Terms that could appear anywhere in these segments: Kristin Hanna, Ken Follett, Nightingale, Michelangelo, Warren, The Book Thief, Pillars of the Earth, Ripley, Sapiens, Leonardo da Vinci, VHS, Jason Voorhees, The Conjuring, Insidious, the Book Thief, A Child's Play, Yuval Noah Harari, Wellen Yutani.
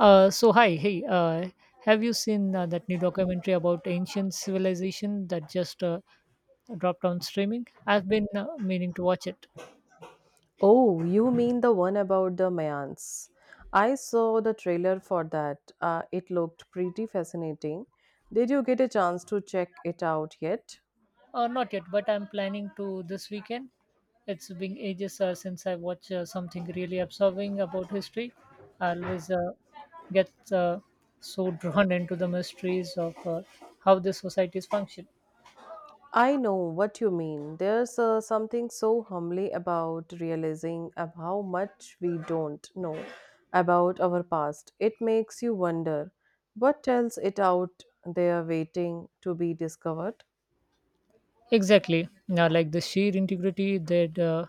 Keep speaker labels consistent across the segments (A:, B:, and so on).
A: So hi, hey, have you seen that new documentary about ancient civilization that just dropped on streaming? I've been meaning to watch it.
B: Oh, you mean the one about the Mayans? I saw the trailer for that. It looked pretty fascinating. Did you get a chance to check it out yet?
A: Not yet, but I'm planning to this weekend. It's been ages since I watched something really absorbing about history. I always get so drawn into the mysteries of how the societies function.
B: I know what you mean. There's something so humbly about realizing of how much we don't know about our past. It makes you wonder what else it out there waiting to be discovered.
A: Exactly. Now, like the sheer integrity that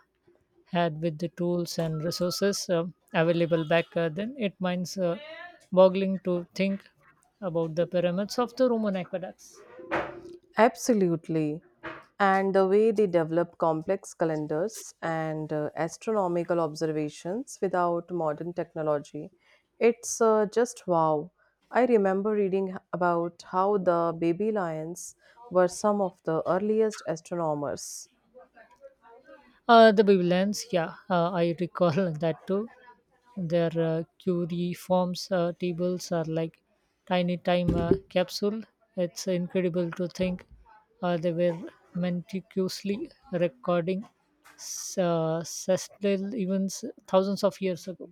A: had with the tools and resources available back then. It minds boggling to think about the pyramids of the Roman aqueducts.
B: Absolutely. And the way they develop complex calendars and astronomical observations without modern technology, it's just wow. I remember reading about how the baby lions were some of the earliest astronomers.
A: The Babylons, yeah, I recall that too. Their cuneiforms tables are like tiny time capsule. It's incredible to think they were meticulously recording celestial events thousands of years ago.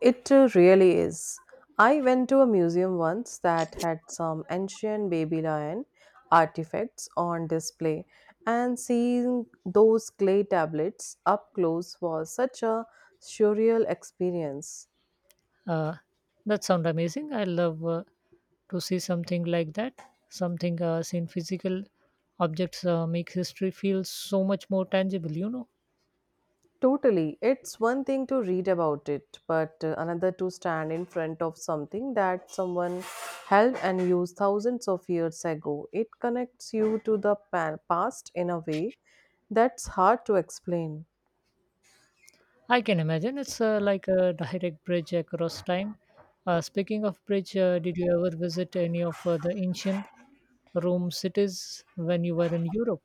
B: It really is. I went to a museum once that had some ancient Babylonian artifacts on display, and seeing those clay tablets up close was such a surreal experience.
A: Uh, that sound amazing. I love to see something like that. Something seen physical objects make history feel so much more tangible.
B: Totally, it's one thing to read about it, but another to stand in front of something that someone held and used thousands of years ago. It connects you to the past in a way that's hard to explain.
A: I can imagine it's like a direct bridge across time. Speaking of bridge, did you ever visit any of the ancient Rome cities when you were in Europe?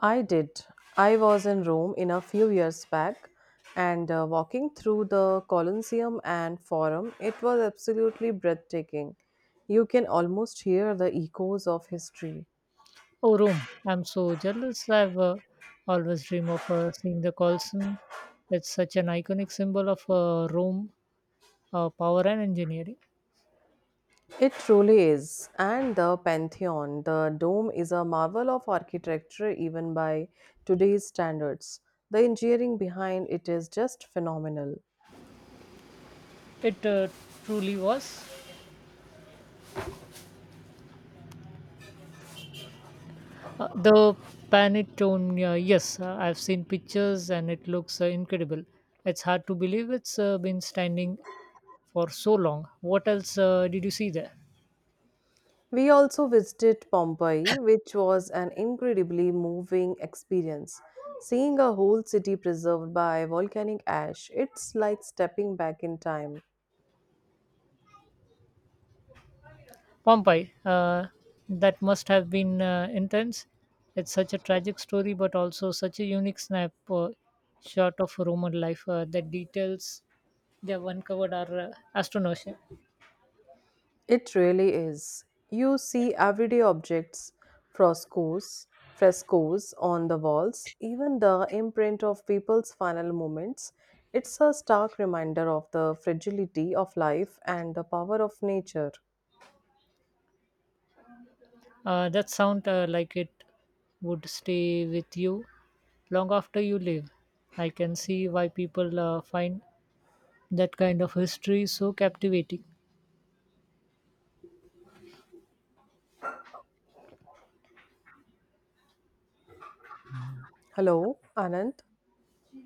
B: I did. I was in Rome in a few years back and walking through the Colosseum and Forum, it was absolutely breathtaking. You can almost hear the echoes of history.
A: Oh, Rome! I'm so jealous. I've always dream of seeing the Colosseum. It's such an iconic symbol of Rome power and engineering.
B: It truly is. And the Pantheon, the dome is a marvel of architecture even by today's standards. The engineering behind it is just phenomenal.
A: It truly was. The Panettone, yes, I've seen pictures and it looks incredible. It's hard to believe it's been standing for so long. What else did you see there?
B: We also visited Pompeii, which was an incredibly moving experience. Seeing a whole city preserved by volcanic ash, it's like stepping back in time.
A: Pompeii. That must have been intense. It's such a tragic story, but also such a unique snap shot of Roman life. The details they have uncovered are astonishing.
B: It really is. You see everyday objects, frescoes, frescoes on the walls, even the imprint of people's final moments. It's a stark reminder of the fragility of life and the power of nature.
A: That sound like it would stay with you long after you leave. I can see why people find that kind of history so captivating.
B: Hello, Anand,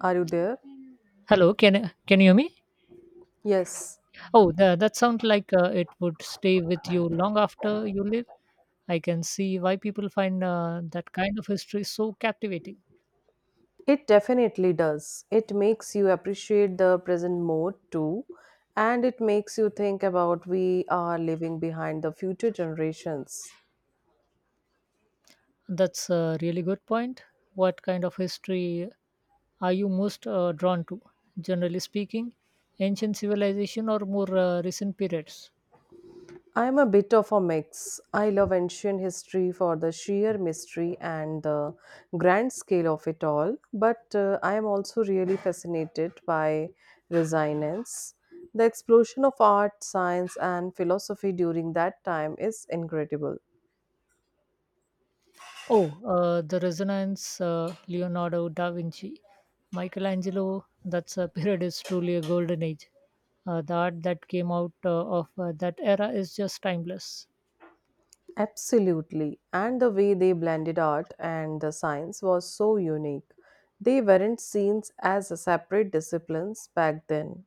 B: are you there?
A: Hello, can you hear me?
B: Yes.
A: Oh, the, that sounds like it would stay with you long after you leave. I can see why people find that kind of history so captivating.
B: It definitely does. It makes you appreciate the present more too, and it makes you think about we are leaving behind the future generations.
A: That's a really good point. What kind of history are you most drawn to, generally speaking, ancient civilization or more recent periods?
B: I'm a bit of a mix. I love ancient history for the sheer mystery and the grand scale of it all, but I am also really fascinated by resonance. The explosion of art, science, and philosophy during that time is incredible.
A: Oh, the Resonance, Leonardo da Vinci, Michelangelo. That's a period is truly a golden age. The art that came out of that era is just timeless.
B: Absolutely. And the way they blended art and the science was so unique. They weren't seen as a separate disciplines back then.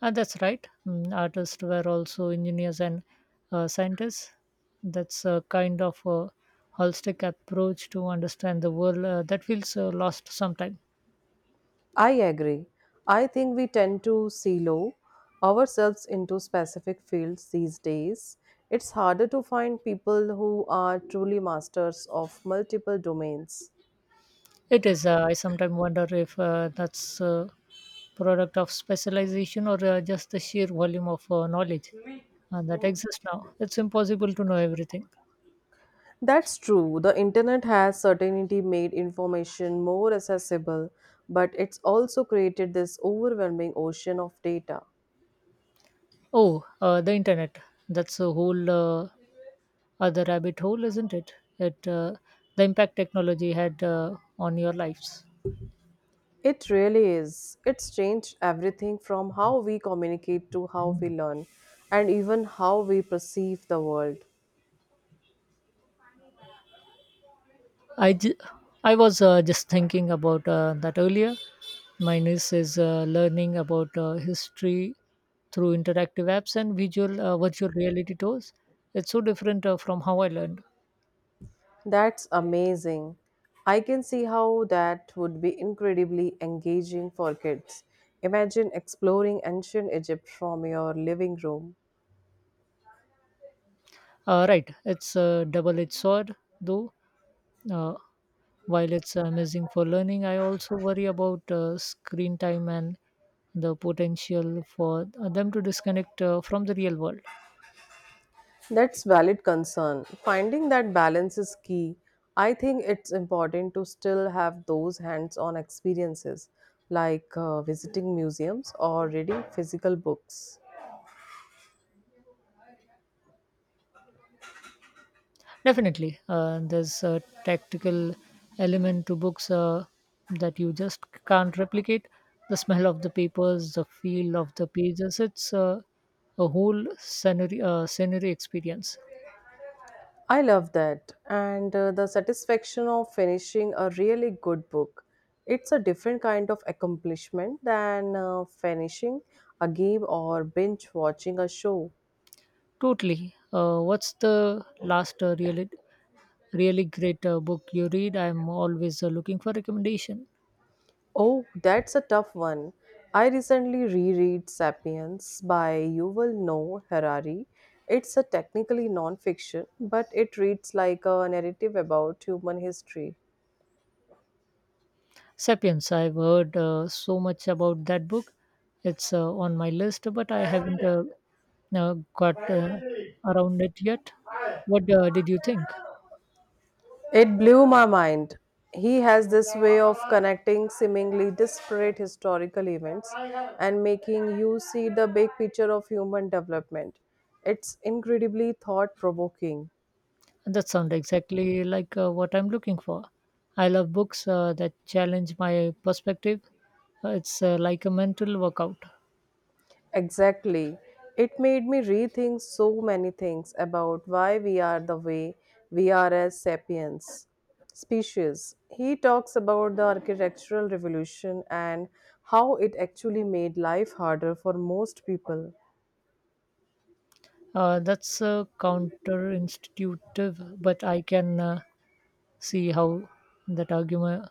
A: And that's right. Artists were also engineers and scientists. That's a kind of a holistic approach to understand the world that feels lost sometimes.
B: I agree. I think we tend to silo ourselves into specific fields these days. It's harder to find people who are truly masters of multiple domains.
A: It is. I sometimes wonder if that's a product of specialization or just the sheer volume of knowledge that exists now. It's impossible to know everything.
B: That's true. The internet has certainly made information more accessible, but it's also created this overwhelming ocean of data.
A: Oh, the internet. That's a whole other rabbit hole, isn't it? It uh, the impact technology had on your lives.
B: It really is. It's changed everything from how we communicate to how we learn and even how we perceive the world.
A: I, ju- I was just thinking about that earlier. My niece is learning about history through interactive apps and visual virtual reality tours. It's so different from how I learned.
B: That's amazing. I can see how that would be incredibly engaging for kids. Imagine exploring ancient Egypt from your living room.
A: Right, it's a double-edged sword, though. Uh, while it's amazing for learning, I also worry about screen time and the potential for them to disconnect from the real world.
B: That's valid concern. Finding that balance is key. I think it's important to still have those hands on experiences like visiting museums or reading physical books.
A: Definitely, there's a tactical element to books that you just can't replicate. The smell of the papers, the feel of the pages, it's scenery experience.
B: I love that. And the satisfaction of finishing a really good book. It's a different kind of accomplishment than finishing a game or binge watching a show.
A: Totally. What's the last really, really great book you read? I'm always looking for recommendation.
B: Oh, that's a tough one. I recently reread Sapiens by Yuval Noah Harari. It's a technically non-fiction, but it reads like a narrative about human history.
A: Sapiens, I've heard so much about that book. It's on my list, but I haven't got around it yet. What did you think?
B: It blew my mind. He has this way of connecting seemingly disparate historical events and making you see the big picture of human development. It's incredibly thought provoking.
A: That sounds exactly like what I'm looking for. I love books that challenge my perspective. It's like a mental workout.
B: Exactly. It made me rethink so many things about why we are the way we are as sapiens species. He talks about the architectural revolution and how it actually made life harder for most people.
A: That's counterintuitive, but I can see how that argument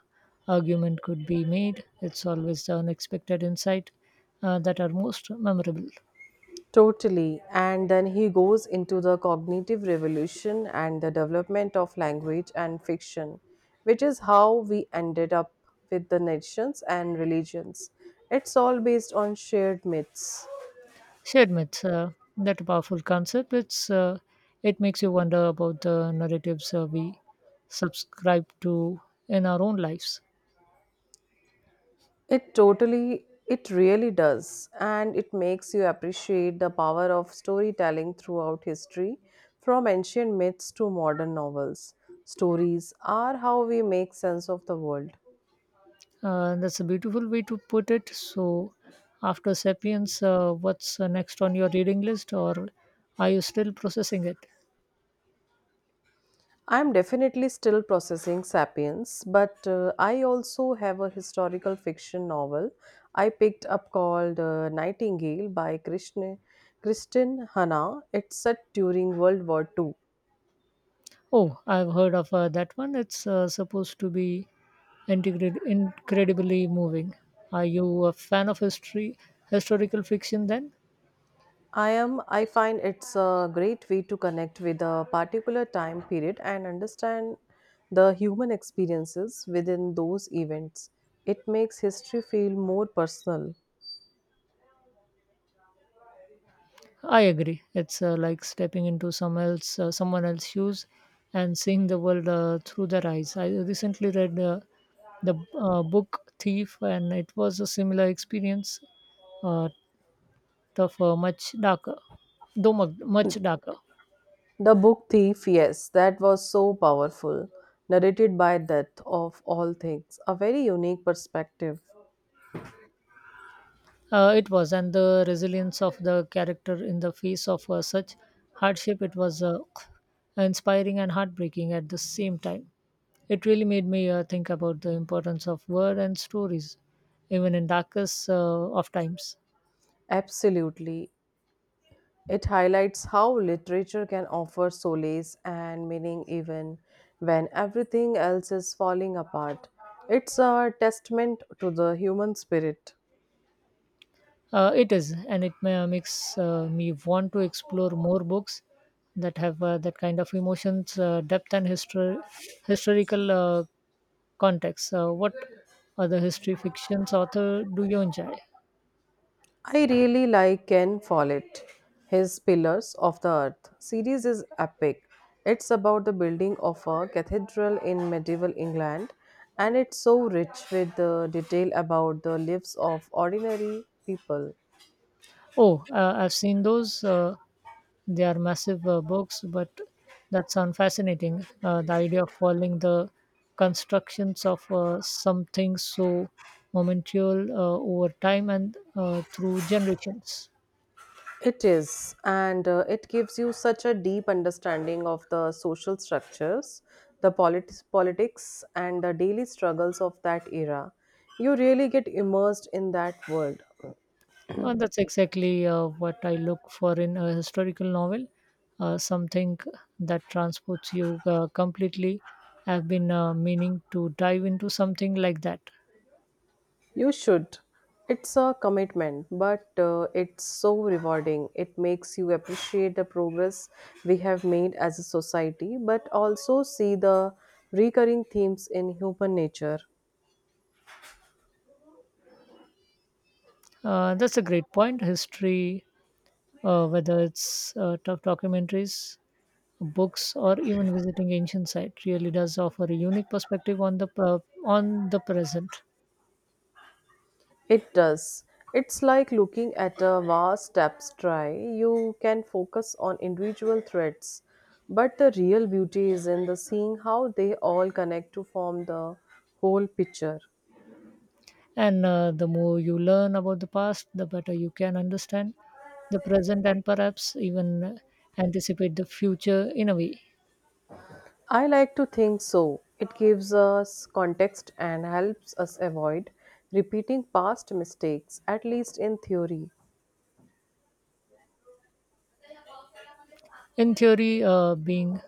A: argument could be made. It's always the unexpected insight that are most memorable.
B: Totally. And then he goes into the cognitive revolution and the development of language and fiction, which is how we ended up with the nations and religions. It's all based on shared myths.
A: Shared myths, that powerful concept. It makes you wonder about the narratives we subscribe to in our own lives.
B: It totally, it really does. And it makes you appreciate the power of storytelling throughout history, from ancient myths to modern novels. Stories are how we make sense of the world.
A: That's a beautiful way to put it. So, after Sapiens, what's next on your reading list, or are you still processing it?
B: I'm definitely still processing Sapiens, but I also have a historical fiction novel I picked up called Nightingale by Kristin Hanna. It's set during World War II.
A: Oh, I've heard of that one. It's supposed to be incredibly moving. Are you a fan of historical fiction? Then
B: I am. I find it's a great way to connect with a particular time period and understand the human experiences within those events. It makes history feel more personal.
A: I agree. It's like stepping into someone else's shoes, and seeing the world through their eyes. I recently read the book Thief, and it was a similar experience, uh, of much darker.
B: The book Thief, yes, that was so powerful. Narrated by Death of all things, a very unique perspective.
A: It was, and the resilience of the character in the face of such hardship, it was inspiring and heartbreaking at the same time. It really made me think about the importance of word and stories, even in darkest of times.
B: Absolutely. It highlights how literature can offer solace and meaning even when everything else is falling apart. It's a testament to the human spirit.
A: It is, and it makes me want to explore more books that have that kind of emotions, depth, and historical context. What other history fictions author do you enjoy?
B: I really like Ken Follett. His Pillars of the Earth series is epic. It's about the building of a cathedral in medieval England and it's so rich with the detail about the lives of ordinary people.
A: Oh, I've seen those. They are massive books, but that sounds fascinating. The idea of following the constructions of something so momentary over time and through generations.
B: It is, and it gives you such a deep understanding of the social structures, the politics, and the daily struggles of that era. You really get immersed in that world.
A: That's exactly what I look for in a historical novel. Something that transports you completely. I've been meaning to dive into something like that.
B: You should. It's a commitment, but it's so rewarding. It makes you appreciate the progress we have made as a society, but also see the recurring themes in human nature.
A: That's a great point. History whether it's tough documentaries, books, or even visiting ancient site, really does offer a unique perspective on on the present.
B: It does. It's like looking at a vast tapestry. You can focus on individual threads, but the real beauty is in the seeing how they all connect to form the whole picture.
A: And the more you learn about the past, the better you can understand the present and perhaps even anticipate the future in a way.
B: I like to think so. It gives us context and helps us avoid repeating past mistakes, at least in theory.
A: In theory, being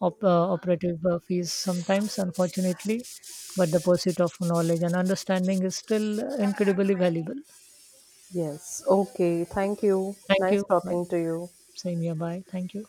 A: operative fees sometimes, unfortunately, but the pursuit of knowledge and understanding is still incredibly valuable.
B: Yes, okay, thank you.
A: Thank
B: Nice
A: you. Bye.
B: talking to you.
A: Same here. Bye. Thank you.